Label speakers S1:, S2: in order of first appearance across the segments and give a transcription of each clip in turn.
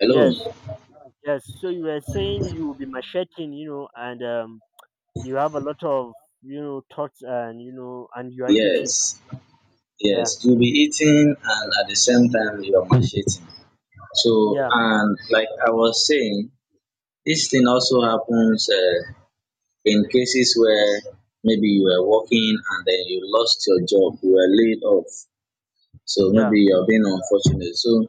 S1: Hello.
S2: Yes, yes. So you were saying you will be macheting, you know, and you have a lot of, you know, thoughts and, you know, and you are eating.
S1: Yes,
S2: Yeah,
S1: yes. You'll be eating and at the same time you're macheting. So,
S2: yeah,
S1: and like I was saying, this thing also happens in cases where maybe you were working and then you lost your job, you were laid off. So
S2: yeah.
S1: maybe you're being unfortunate. So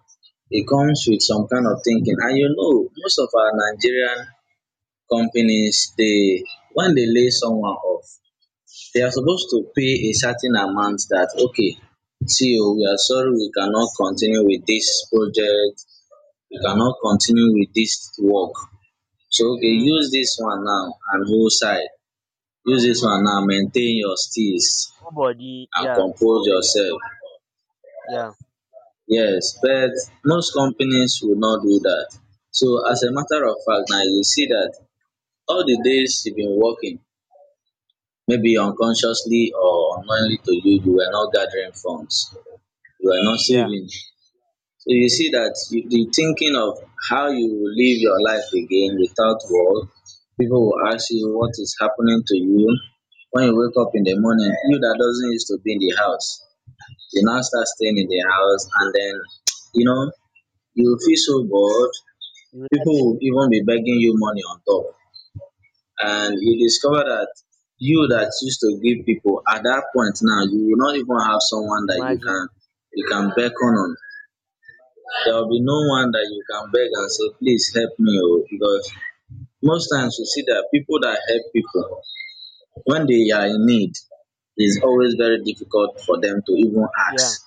S1: it comes with some kind of thinking. And you know, most of our Nigerian companies, they when they lay someone off, they are supposed to pay a certain amount that okay, see, oh, we are sorry, we cannot continue with this project, we cannot continue with this work, so okay,
S2: Mm,
S1: use this one now and go side, use this one now, maintain your steels
S2: full body.
S1: and
S2: Yeah,
S1: compose yourself.
S2: yeah,
S1: Yes, but most companies will not do that. So as a matter of fact, now you see that all the days you've been working, maybe unconsciously or unknowingly to you, you were not gathering funds, you are not
S2: yeah.
S1: saving. So you see that you, the thinking of how you will live your life again without work, people will ask you what is happening to you. When you wake up in the morning, you that doesn't used to be in the house, you now start staying in the house, and then you know you will feel so bored.
S2: You would
S1: People will even be begging you money on top, and you discover that you that used to give people at that point now you will not even have someone that
S2: imagine.
S1: you can beckon on. There will be no one that you can beg and say, please help me, oh, because most times you see that people that help people when they are in need, is always very difficult for them to even
S2: Yeah,
S1: ask.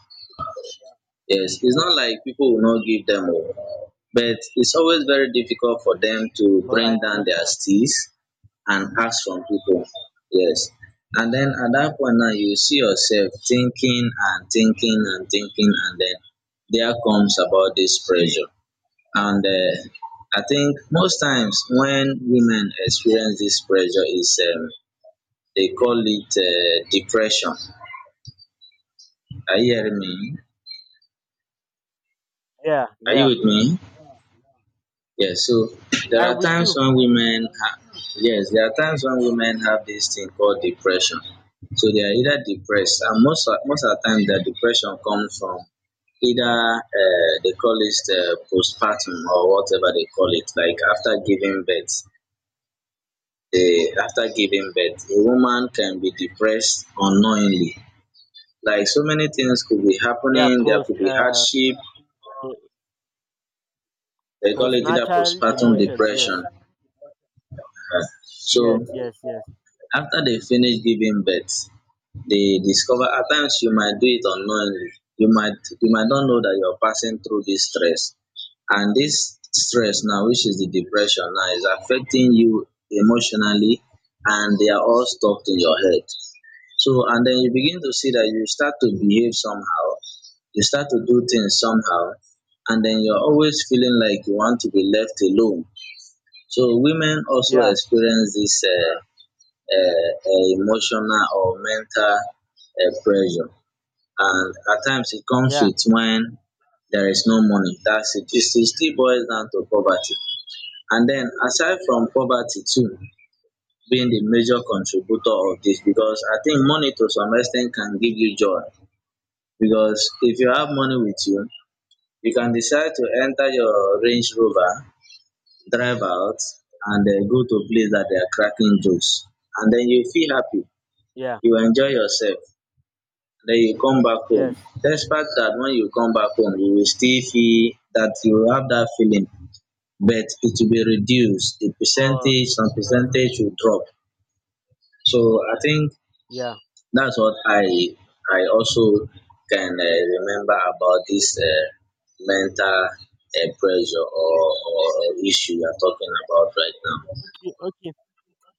S1: Yes, it's not like people will not give them, oh, but it's always very difficult for them to
S2: but I
S1: bring down their
S2: understand.
S1: steeds and ask from people. Yes. And then at that point now you see yourself thinking and thinking and thinking, and then there comes about this pressure, and I think most times when women experience this pressure is they call it depression. Are you hearing me?
S2: Yeah,
S1: Are you
S2: yeah.
S1: with me? Yes. So there
S2: I'm
S1: are
S2: with
S1: times
S2: you.
S1: when women ha- yes, there are times when women have this thing called depression. So they are either depressed, and most of the time the depression comes from either they call it postpartum, or whatever they call it, like after giving birth. The after giving birth, a woman can be depressed unknowingly. Like so many things could be
S2: Yeah,
S1: happening, there could
S2: post,
S1: be hardship. They call it either
S2: postnatal
S1: postpartum
S2: emotions.
S1: depression.
S2: Yes,
S1: Uh,
S2: yes,
S1: So
S2: yes, yes.
S1: after they finish giving birth, they discover at times you might do it unknowingly. You might not know that you're passing through this stress. And this stress now, which is the depression now, is affecting you emotionally, and they are all stuck in your head. So, and then you begin to see that you start to behave somehow, you start to do things somehow, and then you're always feeling like you want to be left alone. So, women also
S2: Yeah,
S1: experience this emotional or mental pressure, and at times it comes
S2: yeah,
S1: with when there is no money. That's it. It still boils down to poverty. And then, aside from poverty too being the major contributor of this, because I think money to some extent can give you joy, because if you have money with you, you can decide to enter your Range Rover, drive out, and go to a place that they are cracking jokes. And then you feel happy,
S2: yeah,
S1: you enjoy yourself. Then you come back home.
S2: yes.
S1: Despite that, when you come back home, you will still feel that you will have that feeling, but it will be reduced. The
S2: But
S1: percentage, some
S2: yes,
S1: percentage will drop. So I think
S2: yeah.
S1: that's what I also can remember about this mental pressure, or issue we are talking about right now.
S2: Okay, okay.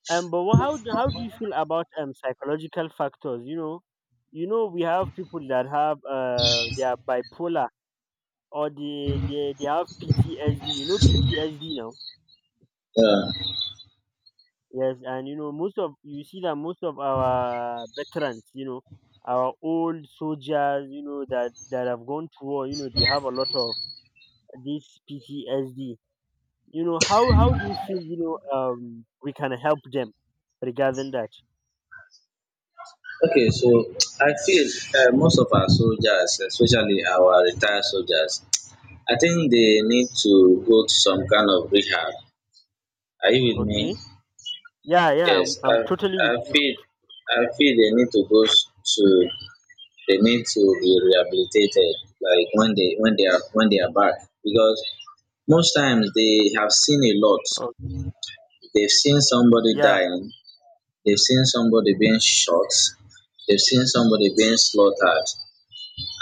S2: But how do you feel about psychological factors? You know we have people that have they are bipolar or they have PTSD. You know PTSD now.
S1: Yeah.
S2: Yes, and you know most of you see that most of our veterans, you know, our old soldiers, you know that have gone to war. You know they have a lot of this PTSD. You know how do you feel? You know we can help them regarding that.
S1: Okay, so I feel most of our soldiers, especially our retired soldiers, I think they need to go to some kind of rehab. Are you with me?
S2: Okay. Yeah,
S1: Yes,
S2: I'm totally
S1: I
S2: with you.
S1: feel I feel they need to to they need to be rehabilitated, like when they when they are back, because most times they have seen a lot,
S2: Oh,
S1: they've seen somebody
S2: yeah,
S1: dying, they've seen somebody being shot, they've seen somebody being slaughtered,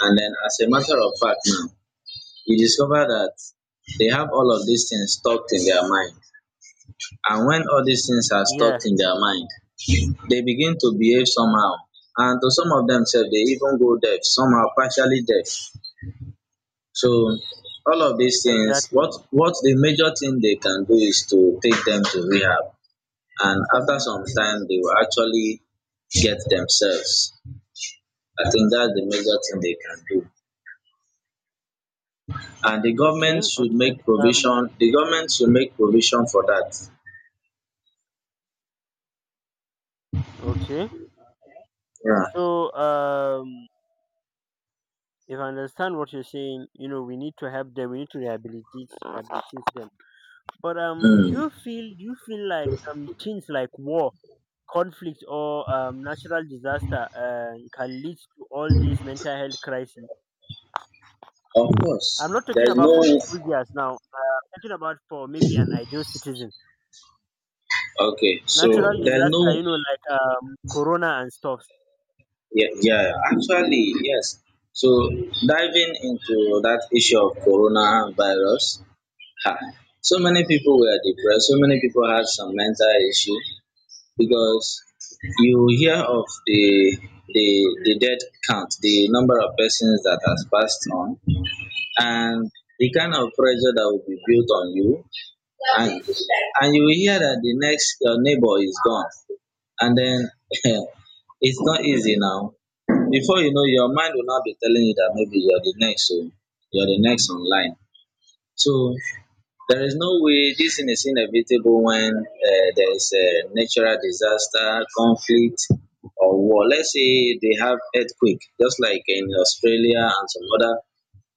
S1: and then as a matter of fact now you discover that they have all of these things stuck in their mind. And when all these things are stuck
S2: yeah,
S1: in their mind, they begin to behave somehow, and to some of them sef dey even go deaf, somehow partially deaf. So all of these things,
S2: exactly.
S1: what the major thing they can do is to take them to rehab, and after some time, they will actually get themselves. I think that's the major thing they can do, and the
S2: Okay,
S1: government should
S2: okay,
S1: make
S2: um,
S1: provision. The government should make provision for that.
S2: okay.
S1: Yeah.
S2: So, if I understand what you're saying, you know, we need to help them. We need to rehabilitate them. But
S1: Mm.
S2: do you feel like things like war, conflict, or natural disaster can lead to all these mental health crises?
S1: Of
S2: I'm
S1: course,
S2: not talking
S1: there's
S2: about for
S1: no.
S2: soldiers now. I'm talking about for maybe an ideal citizen.
S1: Okay, so
S2: Natural
S1: there's
S2: disaster,
S1: no.
S2: you know, like corona and stuff.
S1: Yeah, yeah. Actually, yes. So diving into that issue of coronavirus, ah, so many people were depressed, so many people had some mental issue, because you hear of the the death count, the number of persons that has passed on, and the kind of pressure that will be built on you, and and you will hear that the next your neighbor is gone, and then it's not easy now. Before you know, your mind will not be telling you that maybe you're the next, oh, you're the next online. So there is no way, this thing is inevitable when there is a natural disaster, conflict, or war. Let's say they have earthquake, just like in Australia and some other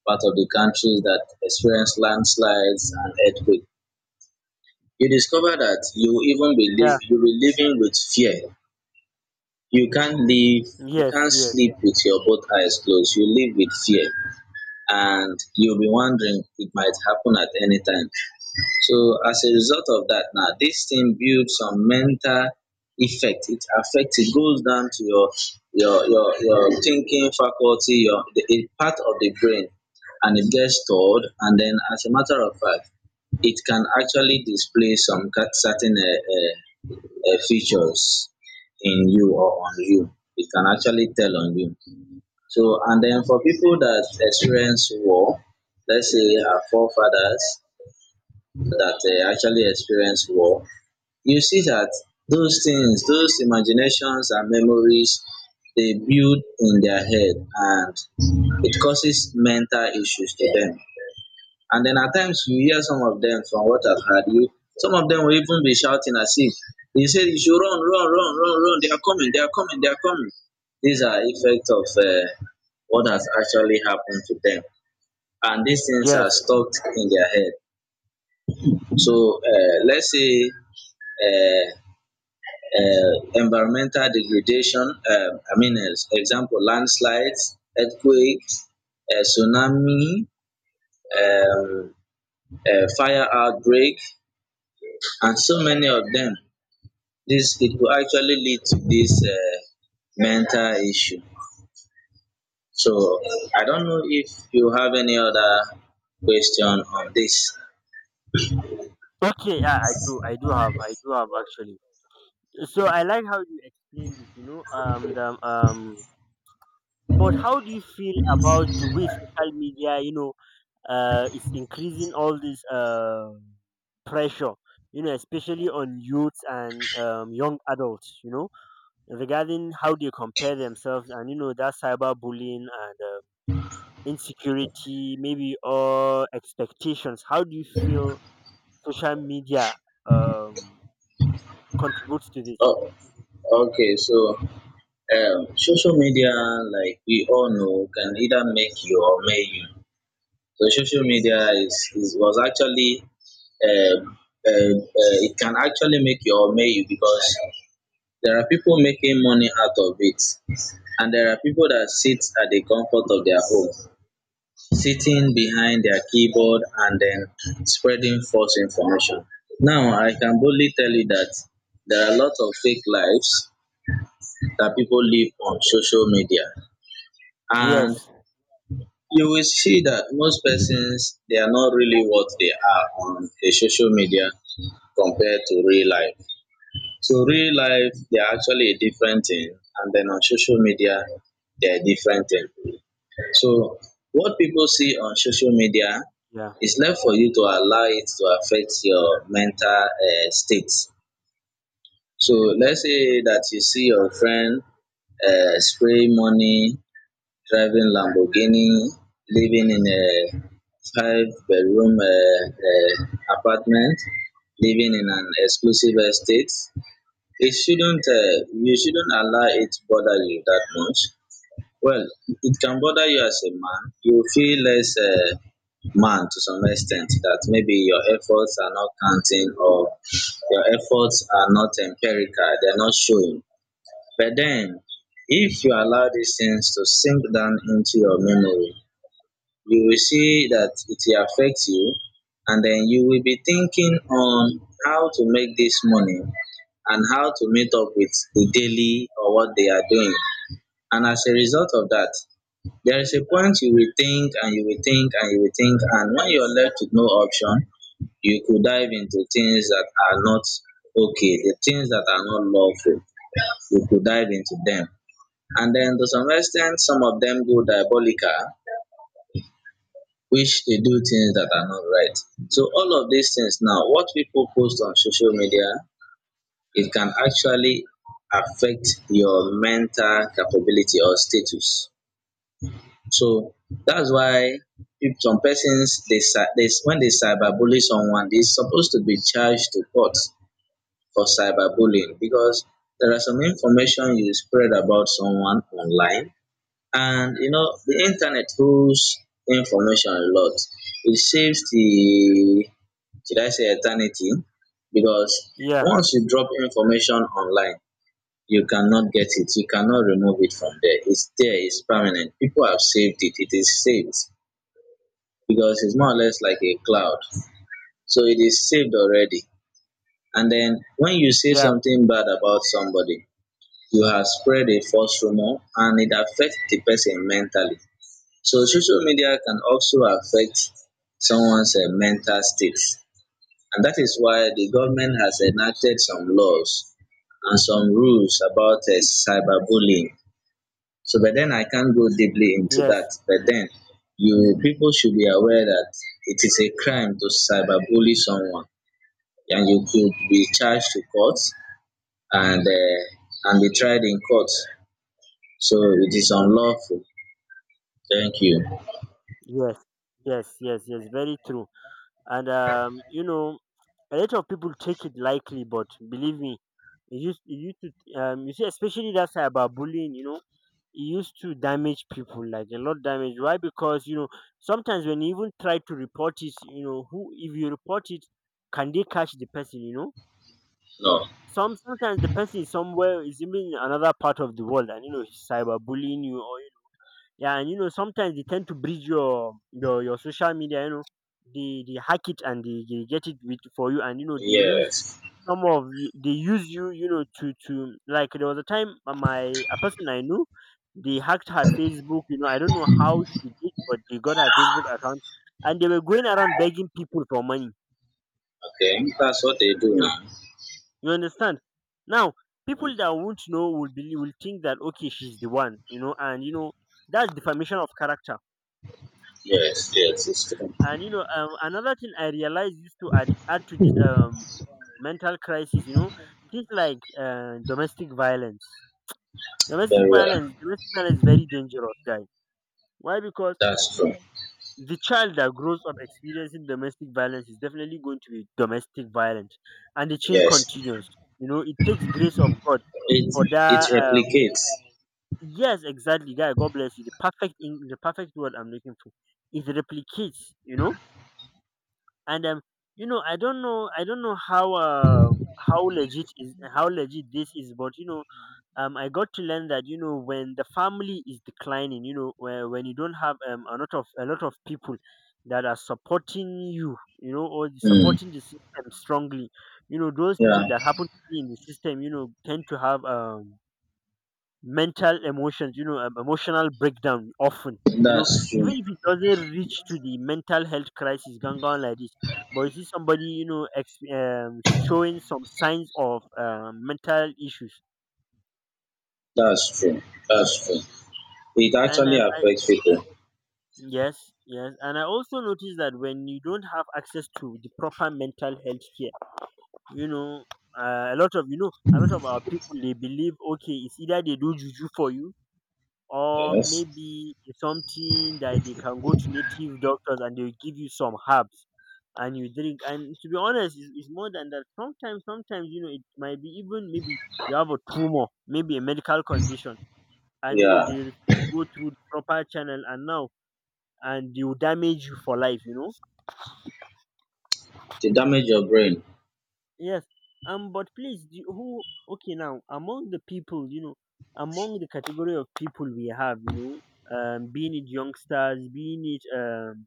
S1: part of the countries that experience landslides and earthquake. You discover that you even
S2: Yeah.
S1: believe you will living with fear. You can't live, you
S2: Yes,
S1: can't
S2: yes,
S1: sleep with your both eyes closed. You live with fear, and you'll be wondering it might happen at any time. So as a result of that now, this thing builds some mental effect. It affects. It goes down to your your thinking faculty, your the, a part of the brain, and it gets stored. And then, as a matter of fact, it can actually display some certain uh, features in you or on you. It can actually tell on you. So, and then for people that experience war, let's say our forefathers, that actually experienced war, you see that those things, those imaginations and memories, they build in their head, and it causes mental issues to them. And then at times you hear some of them, from what I've heard, you, some of them will even be shouting as if they say you should run, run, run, run, run, they are coming, they are coming, they are coming. These are effects of what has actually happened to them. And these things are
S2: yes.
S1: stuck in their head. So let's say uh, environmental degradation, I mean, as example, landslides, earthquakes, tsunami, um, fire outbreak, and so many of them. This it will actually lead to this mental issue. So I don't know if you have any other question on this.
S2: Okay, yeah, I do have actually. So I like how you explained it. But how do you feel about the way social media, you know, is increasing all this pressure, you know, especially on youths and young adults, you know, regarding how they compare themselves and you know that cyberbullying and insecurity, maybe or expectations. How do you feel social media um contributes to this.
S1: Oh, okay. So social media, like we all know, can either make you or make you. So social media is was actually uh, uh, it can actually make you or may you, because there are people making money out of it, and there are people that sit at the comfort of their home, sitting behind their keyboard and then spreading false information. Now I can boldly tell you that there are a lot of fake lives that people live on social media, and
S2: Yes
S1: you will see that most persons they are not really what they are on a social media compared to real life. So real life they are actually a different thing, and then on social media they're a different thing. So what people see on social media
S2: yeah
S1: is left for you to allow it to affect your mental state. So let's say that you see your friend spray money, driving Lamborghini, living in a five-bedroom apartment, living in an exclusive estate. It shouldn't, you shouldn't allow it to bother you that much. Well, it can bother you as a man. You feel less man to some extent, that maybe your efforts are not counting, or your efforts are not empirical, they're not showing. But then, if you allow these things to sink down into your memory, you will see that it will affect you, and then you will be thinking on how to make this money and how to meet up with the daily or what they are doing. And as a result of that, there is a point you will think and you will think and you will think, and when you're left with no option, you could dive into things that are not okay, the things that are not lawful, you could dive into them. And then to some extent, some of them go diabolical which they do things that are not right. So all of these things now, what people post on social media, it can actually affect your mental capability or status. So that's why if some persons they, cy- they when they cyberbully someone, they're supposed to be charged to court for cyberbullying because there are some information you spread about someone online and the internet holds information a lot. It saves the, should I say, eternity, because
S2: yeah
S1: once you drop information online, you cannot get it. You cannot remove it from there. It's there. It's permanent. People have saved it. It is saved because it's more or less like a cloud. So it is saved already. And then when you say
S2: yeah
S1: something bad about somebody, you have spread a false rumor and it affects the person mentally. So social media can also affect someone's mental state, and that is why the government has enacted some laws and some rules about cyberbullying. So, but then I can't go deeply into that.
S2: yes
S1: But then, you people should be aware that it is a crime to cyberbully someone, and you could be charged to court and be tried in court. So it is unlawful. Thank you.
S2: yes yes yes yes Very true. And um, you know, a lot of people take it lightly, but believe me, it used to, um, you see, especially that's about bullying, you know, it used to damage people like a lot, damage. Why? Because you know, sometimes when you even try to report it, you know, who if you report it, can they catch the person? You know,
S1: No.
S2: sometimes the person is somewhere, is even in another part of the world, and you know he's cyberbullying you. Or yeah, and you know sometimes they tend to bridge your social media, you know, they hack it, and they get it with for you, and you know they use
S1: Yes.
S2: some of you they use you, you know, to, like, there was a time, my a person I knew, they hacked her Facebook, you know. I don't know how she did, but they got her Facebook account, and they were going around begging people for money.
S1: Okay, that's what they do now.
S2: You understand? Now, people that won't know will believe, will think that okay, she's the one, you know, and you know that's defamation of character.
S1: Yes, yes, it's true.
S2: And you know, another thing I realized is to add to this mental crisis, you know, things like domestic violence.
S1: Very well.
S2: Domestic violence is very dangerous, guys. Why? Because
S1: That's true.
S2: the child that grows up experiencing domestic violence is definitely going to be domestic violent, and the chain
S1: Yes,
S2: continues. You know, it takes grace of God
S1: it
S2: for
S1: it
S2: that
S1: replicates.
S2: yes, exactly. Guy, God bless you. The perfect, in the perfect word I'm looking for. It replicates, you know? And you know, I don't know how legit is how legit this is, but you know, um, I got to learn that, you know, when the family is declining, you know, where when you don't have a lot of people that are supporting you, you know, or
S1: Mm.
S2: supporting the system strongly, you know, those
S1: Yeah,
S2: people that happen to be in the system, you know, tend to have mental emotions, you know, emotional breakdown often. You know,
S1: that's
S2: even
S1: true.
S2: if it doesn't reach to the mental health crisis going on like this, but you see somebody, you know, showing some signs of mental issues.
S1: That's true. That's true. It
S2: And
S1: actually
S2: I,
S1: affects people.
S2: yes, yes, and I also noticed that when you don't have access to the proper mental health care, you know, a lot of, you know, a lot of our people, they believe okay, it's either they do juju for you or
S1: Yes.
S2: maybe something, that they can go to native doctors and they'll give you some herbs and you drink. And to be honest, it's more than that. Sometimes, you know, it might be, even maybe you have a tumor, maybe a medical condition, and you know
S1: Yeah.
S2: they go through the proper channel, and now, and they will damage you for life, you know.
S1: To damage your brain.
S2: Yes. Um, but please, who, okay, now among the people, you know, among the category of people we have, you know, um, being it youngsters, being it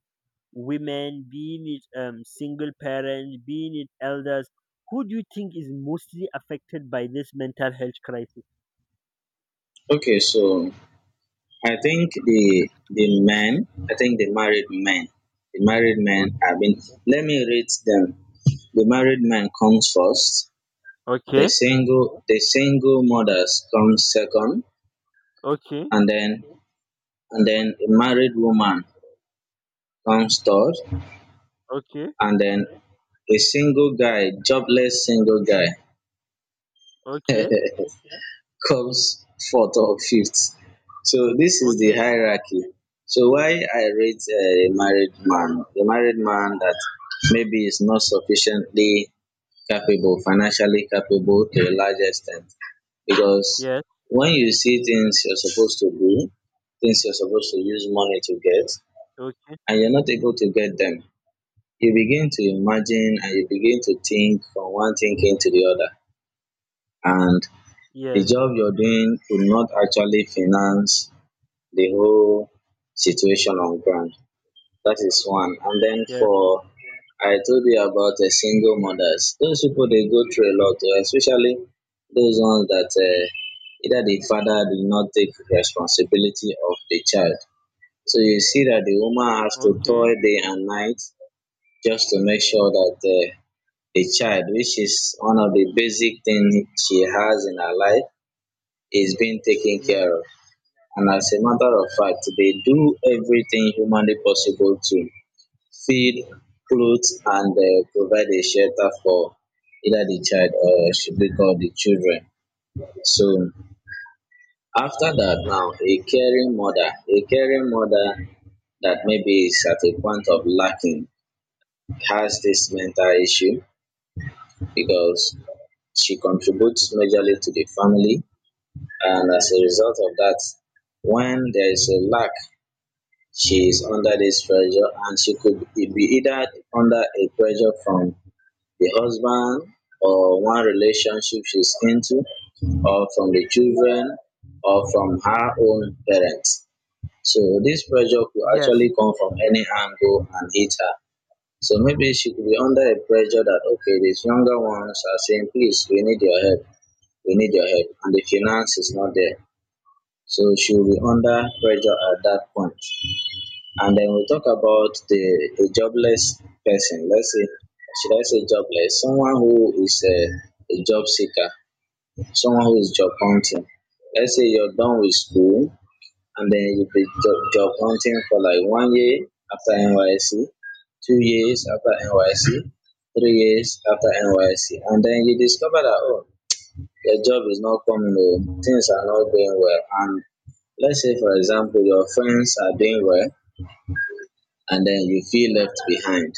S2: women, being it single parents, being it elders, who do you think is mostly affected by this mental health crisis?
S1: Okay, so I think the men, I think the married
S2: O-
S1: men have been. Let me rate them. The married man comes first. The
S2: Okay,
S1: single the single mothers comes second,
S2: okay,
S1: and then and then a married woman comes third,
S2: okay,
S1: and then a single guy, jobless single guy
S2: okay,
S1: comes fourth or fifth. So this is the
S2: okay,
S1: hierarchy. So why I rate a married man that maybe is not sufficiently capable, financially capable to a large extent. Because
S2: yes,
S1: when you see things you're supposed to do, things you're supposed to use money to get,
S2: okay,
S1: and you're not able to get them, you begin to imagine and you begin to think from one thinking to the other. And the
S2: yes,
S1: job you're doing could not actually finance the whole situation on ground. That is one. And then
S2: yes,
S1: for, I told you about the single mothers. Those people they go through a lot, especially those ones that either the father did not take responsibility of the child. So you see that the woman has to
S2: okay,
S1: toil day and night just to make sure that the child, which is one of the basic things she has in her life, is being taken
S2: yes,
S1: care of. And as a matter of fact, they do everything humanly possible to feed, clothe and provide a shelter for either the child or should we call the children. So after that now, a caring mother that maybe is at a point of lacking has this mental issue because she contributes majorly to the family and as a result of that, when there is a lack, she is under this pressure and she could be either under a pressure from the husband or one relationship she's into, or from the children, or from her own parents. So this pressure could
S2: yes,
S1: actually come from any angle and hit her. So maybe she could be under a pressure that okay, these younger ones are saying, please, we need your help, we need your help, and the finance is not there. So she will be under pressure at that point. And then we talk about the a jobless person. Let's say, should I say jobless? Someone who is a job seeker, someone who is job hunting. Let's say you're done with school and then you've been job hunting for like 1 year after NYC, 2 years after NYC, 3 years after NYC, and then you discover that oh, your job is not coming home, things are not going well, and let's say for example your friends are doing well and then you feel left behind.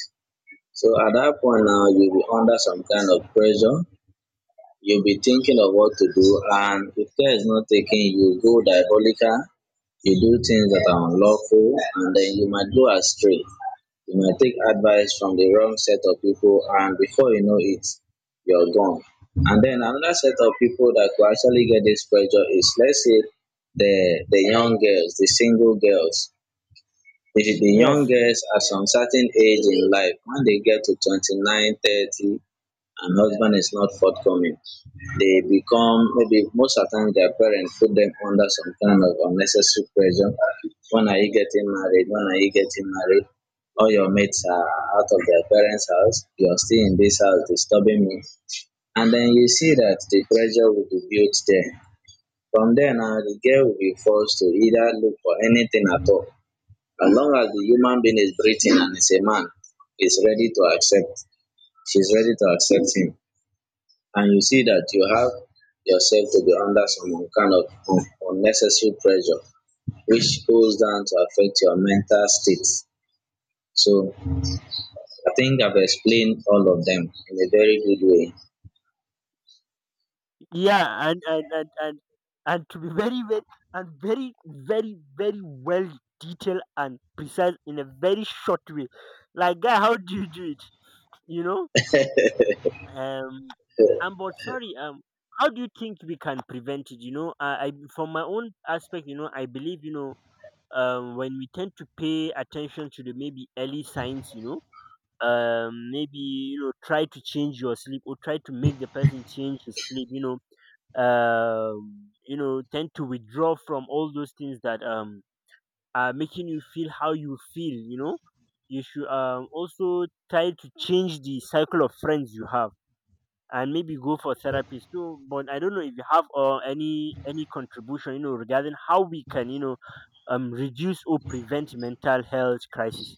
S1: So at that point now, you'll be under some kind of pressure. You'll be thinking of what to do, and if care is not taken, you go diabolical. You do things that are unlawful, and then you might go astray. You might take advice from the wrong set of people, and before you know it, you're gone. And then another set of people that could actually get this pressure is, let's say, the young girls, the single girls, if the young
S2: yes,
S1: girls at some certain age in life, when they get to 29, 30, and husband is not forthcoming, they become, maybe most of the time their parents put them under some kind of unnecessary pressure. When are you getting married? When are you getting married? All your mates are out of their parents' house. You are still in this house disturbing me. And then you see that the pressure will be built there. From there now, the girl will be forced to either look for anything at all, as long as the human being is breathing and is a man, is ready to accept, she's ready to accept him. And you see that you have yourself to be under some kind of unnecessary pressure, which goes down to affect your mental state. So I think I've explained all of them in a very good way.
S2: yeah, and to be very very and very well detailed and precise in a very short way. Like, guy, how do you do it? You know, um, but sorry, how do you think we can prevent it? You know, I from my own aspect, you know, I believe, you know, when we tend to pay attention to the maybe early signs, you know, maybe you know, try to change your sleep or try to make the person change his sleep. You know, tend to withdraw from all those things that are making you feel how you feel. You know, you should also try to change the cycle of friends you have and maybe go for therapy. So, but I don't know if you have any contribution, you know, regarding how we can, you know, reduce or prevent mental health crisis.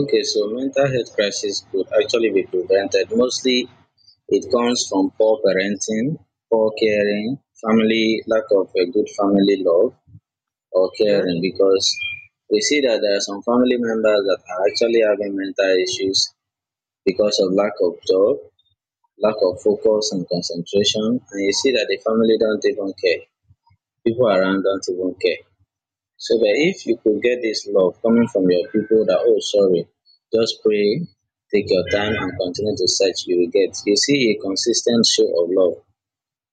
S1: Okay, so mental health crisis could actually be prevented. Mostly it comes from poor parenting, poor caring, family, lack of a good family love or
S2: Yeah.
S1: caring because we see that there are some family members that are actually having mental issues because of lack of job, lack of focus and concentration, and you see that the family don't even care. People around don't even care. So that if you could get this love coming from your people that, oh, sorry, just pray, take your time and continue to search, you will get. You see, a consistent show of love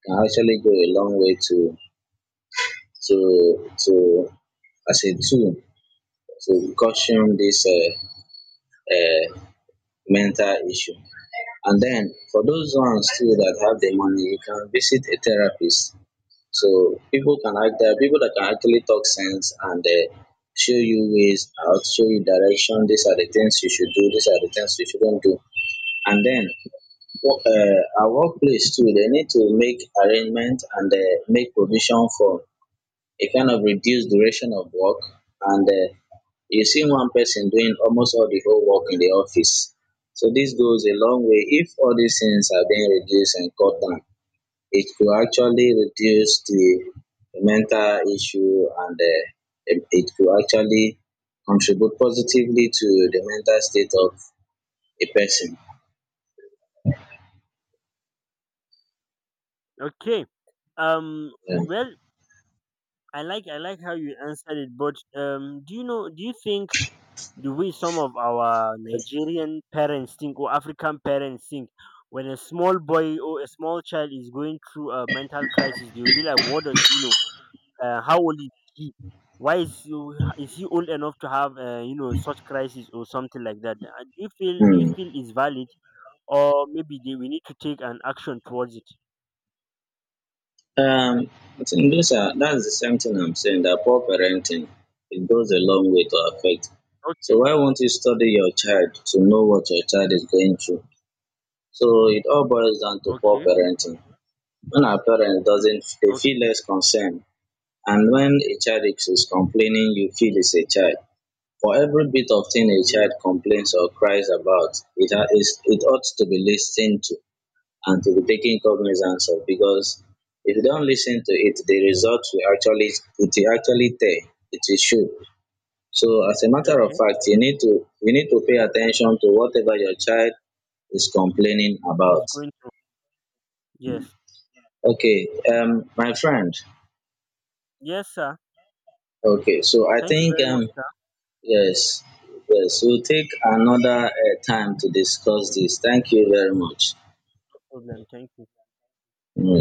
S1: can actually go a long way to as a tool to caution this uh, mental issue. And then for those ones too that have the money, you can visit a therapist. So people can act there are people that can actually talk sense and show you ways out, show you direction. These are the things you should do. These are the things you shouldn't do. And then our workplace too, they need to make arrangement and make provision for a kind of reduced duration of work and you see one person doing almost all the whole work in the office. So this goes a long way. If all these things are being reduced and cut down, it could actually reduce the mental issue and it could actually contribute positively to the mental state of a person.
S2: Okay. Um.
S1: Yeah.
S2: Well, I like how you answered it, but do you know? Do you think the way some of our Nigerian parents think or African parents think? When a small boy or a small child is going through a mental crisis, they'll be like, "What does he know? Uh, how old is he? Why is he old enough to have you know, such crisis or something like that?" Do you
S1: Hmm.
S2: feel is valid, or maybe we need to take an action towards it?
S1: Um, I think those are that's the same thing I'm saying, that poor parenting, it goes a long way to affect. So
S2: Okay,
S1: why won't you study your child to know what your child is going through? So it all boils down to poor
S2: okay,
S1: parenting. When our parents doesn't, they
S2: okay,
S1: feel less concerned, and when a child is complaining you feel it's a child. For every bit of thing a
S2: yes,
S1: child complains or cries about, it ought to be listened to and to be taking cognizance of because if you don't listen to it, the results will actually, it will actually tell. It will show. So as a matter of
S2: okay.
S1: fact, you need to pay attention to whatever your child is complaining
S2: it's
S1: about.
S2: going to yes,
S1: Okay, my friend.
S2: yes, sir.
S1: Okay, so I
S2: Thank you
S1: think
S2: very much, sir.
S1: yes, yes, we'll take
S2: Yes,
S1: another time to discuss this. Thank you very much.
S2: no problem. Thank you.
S1: Mm.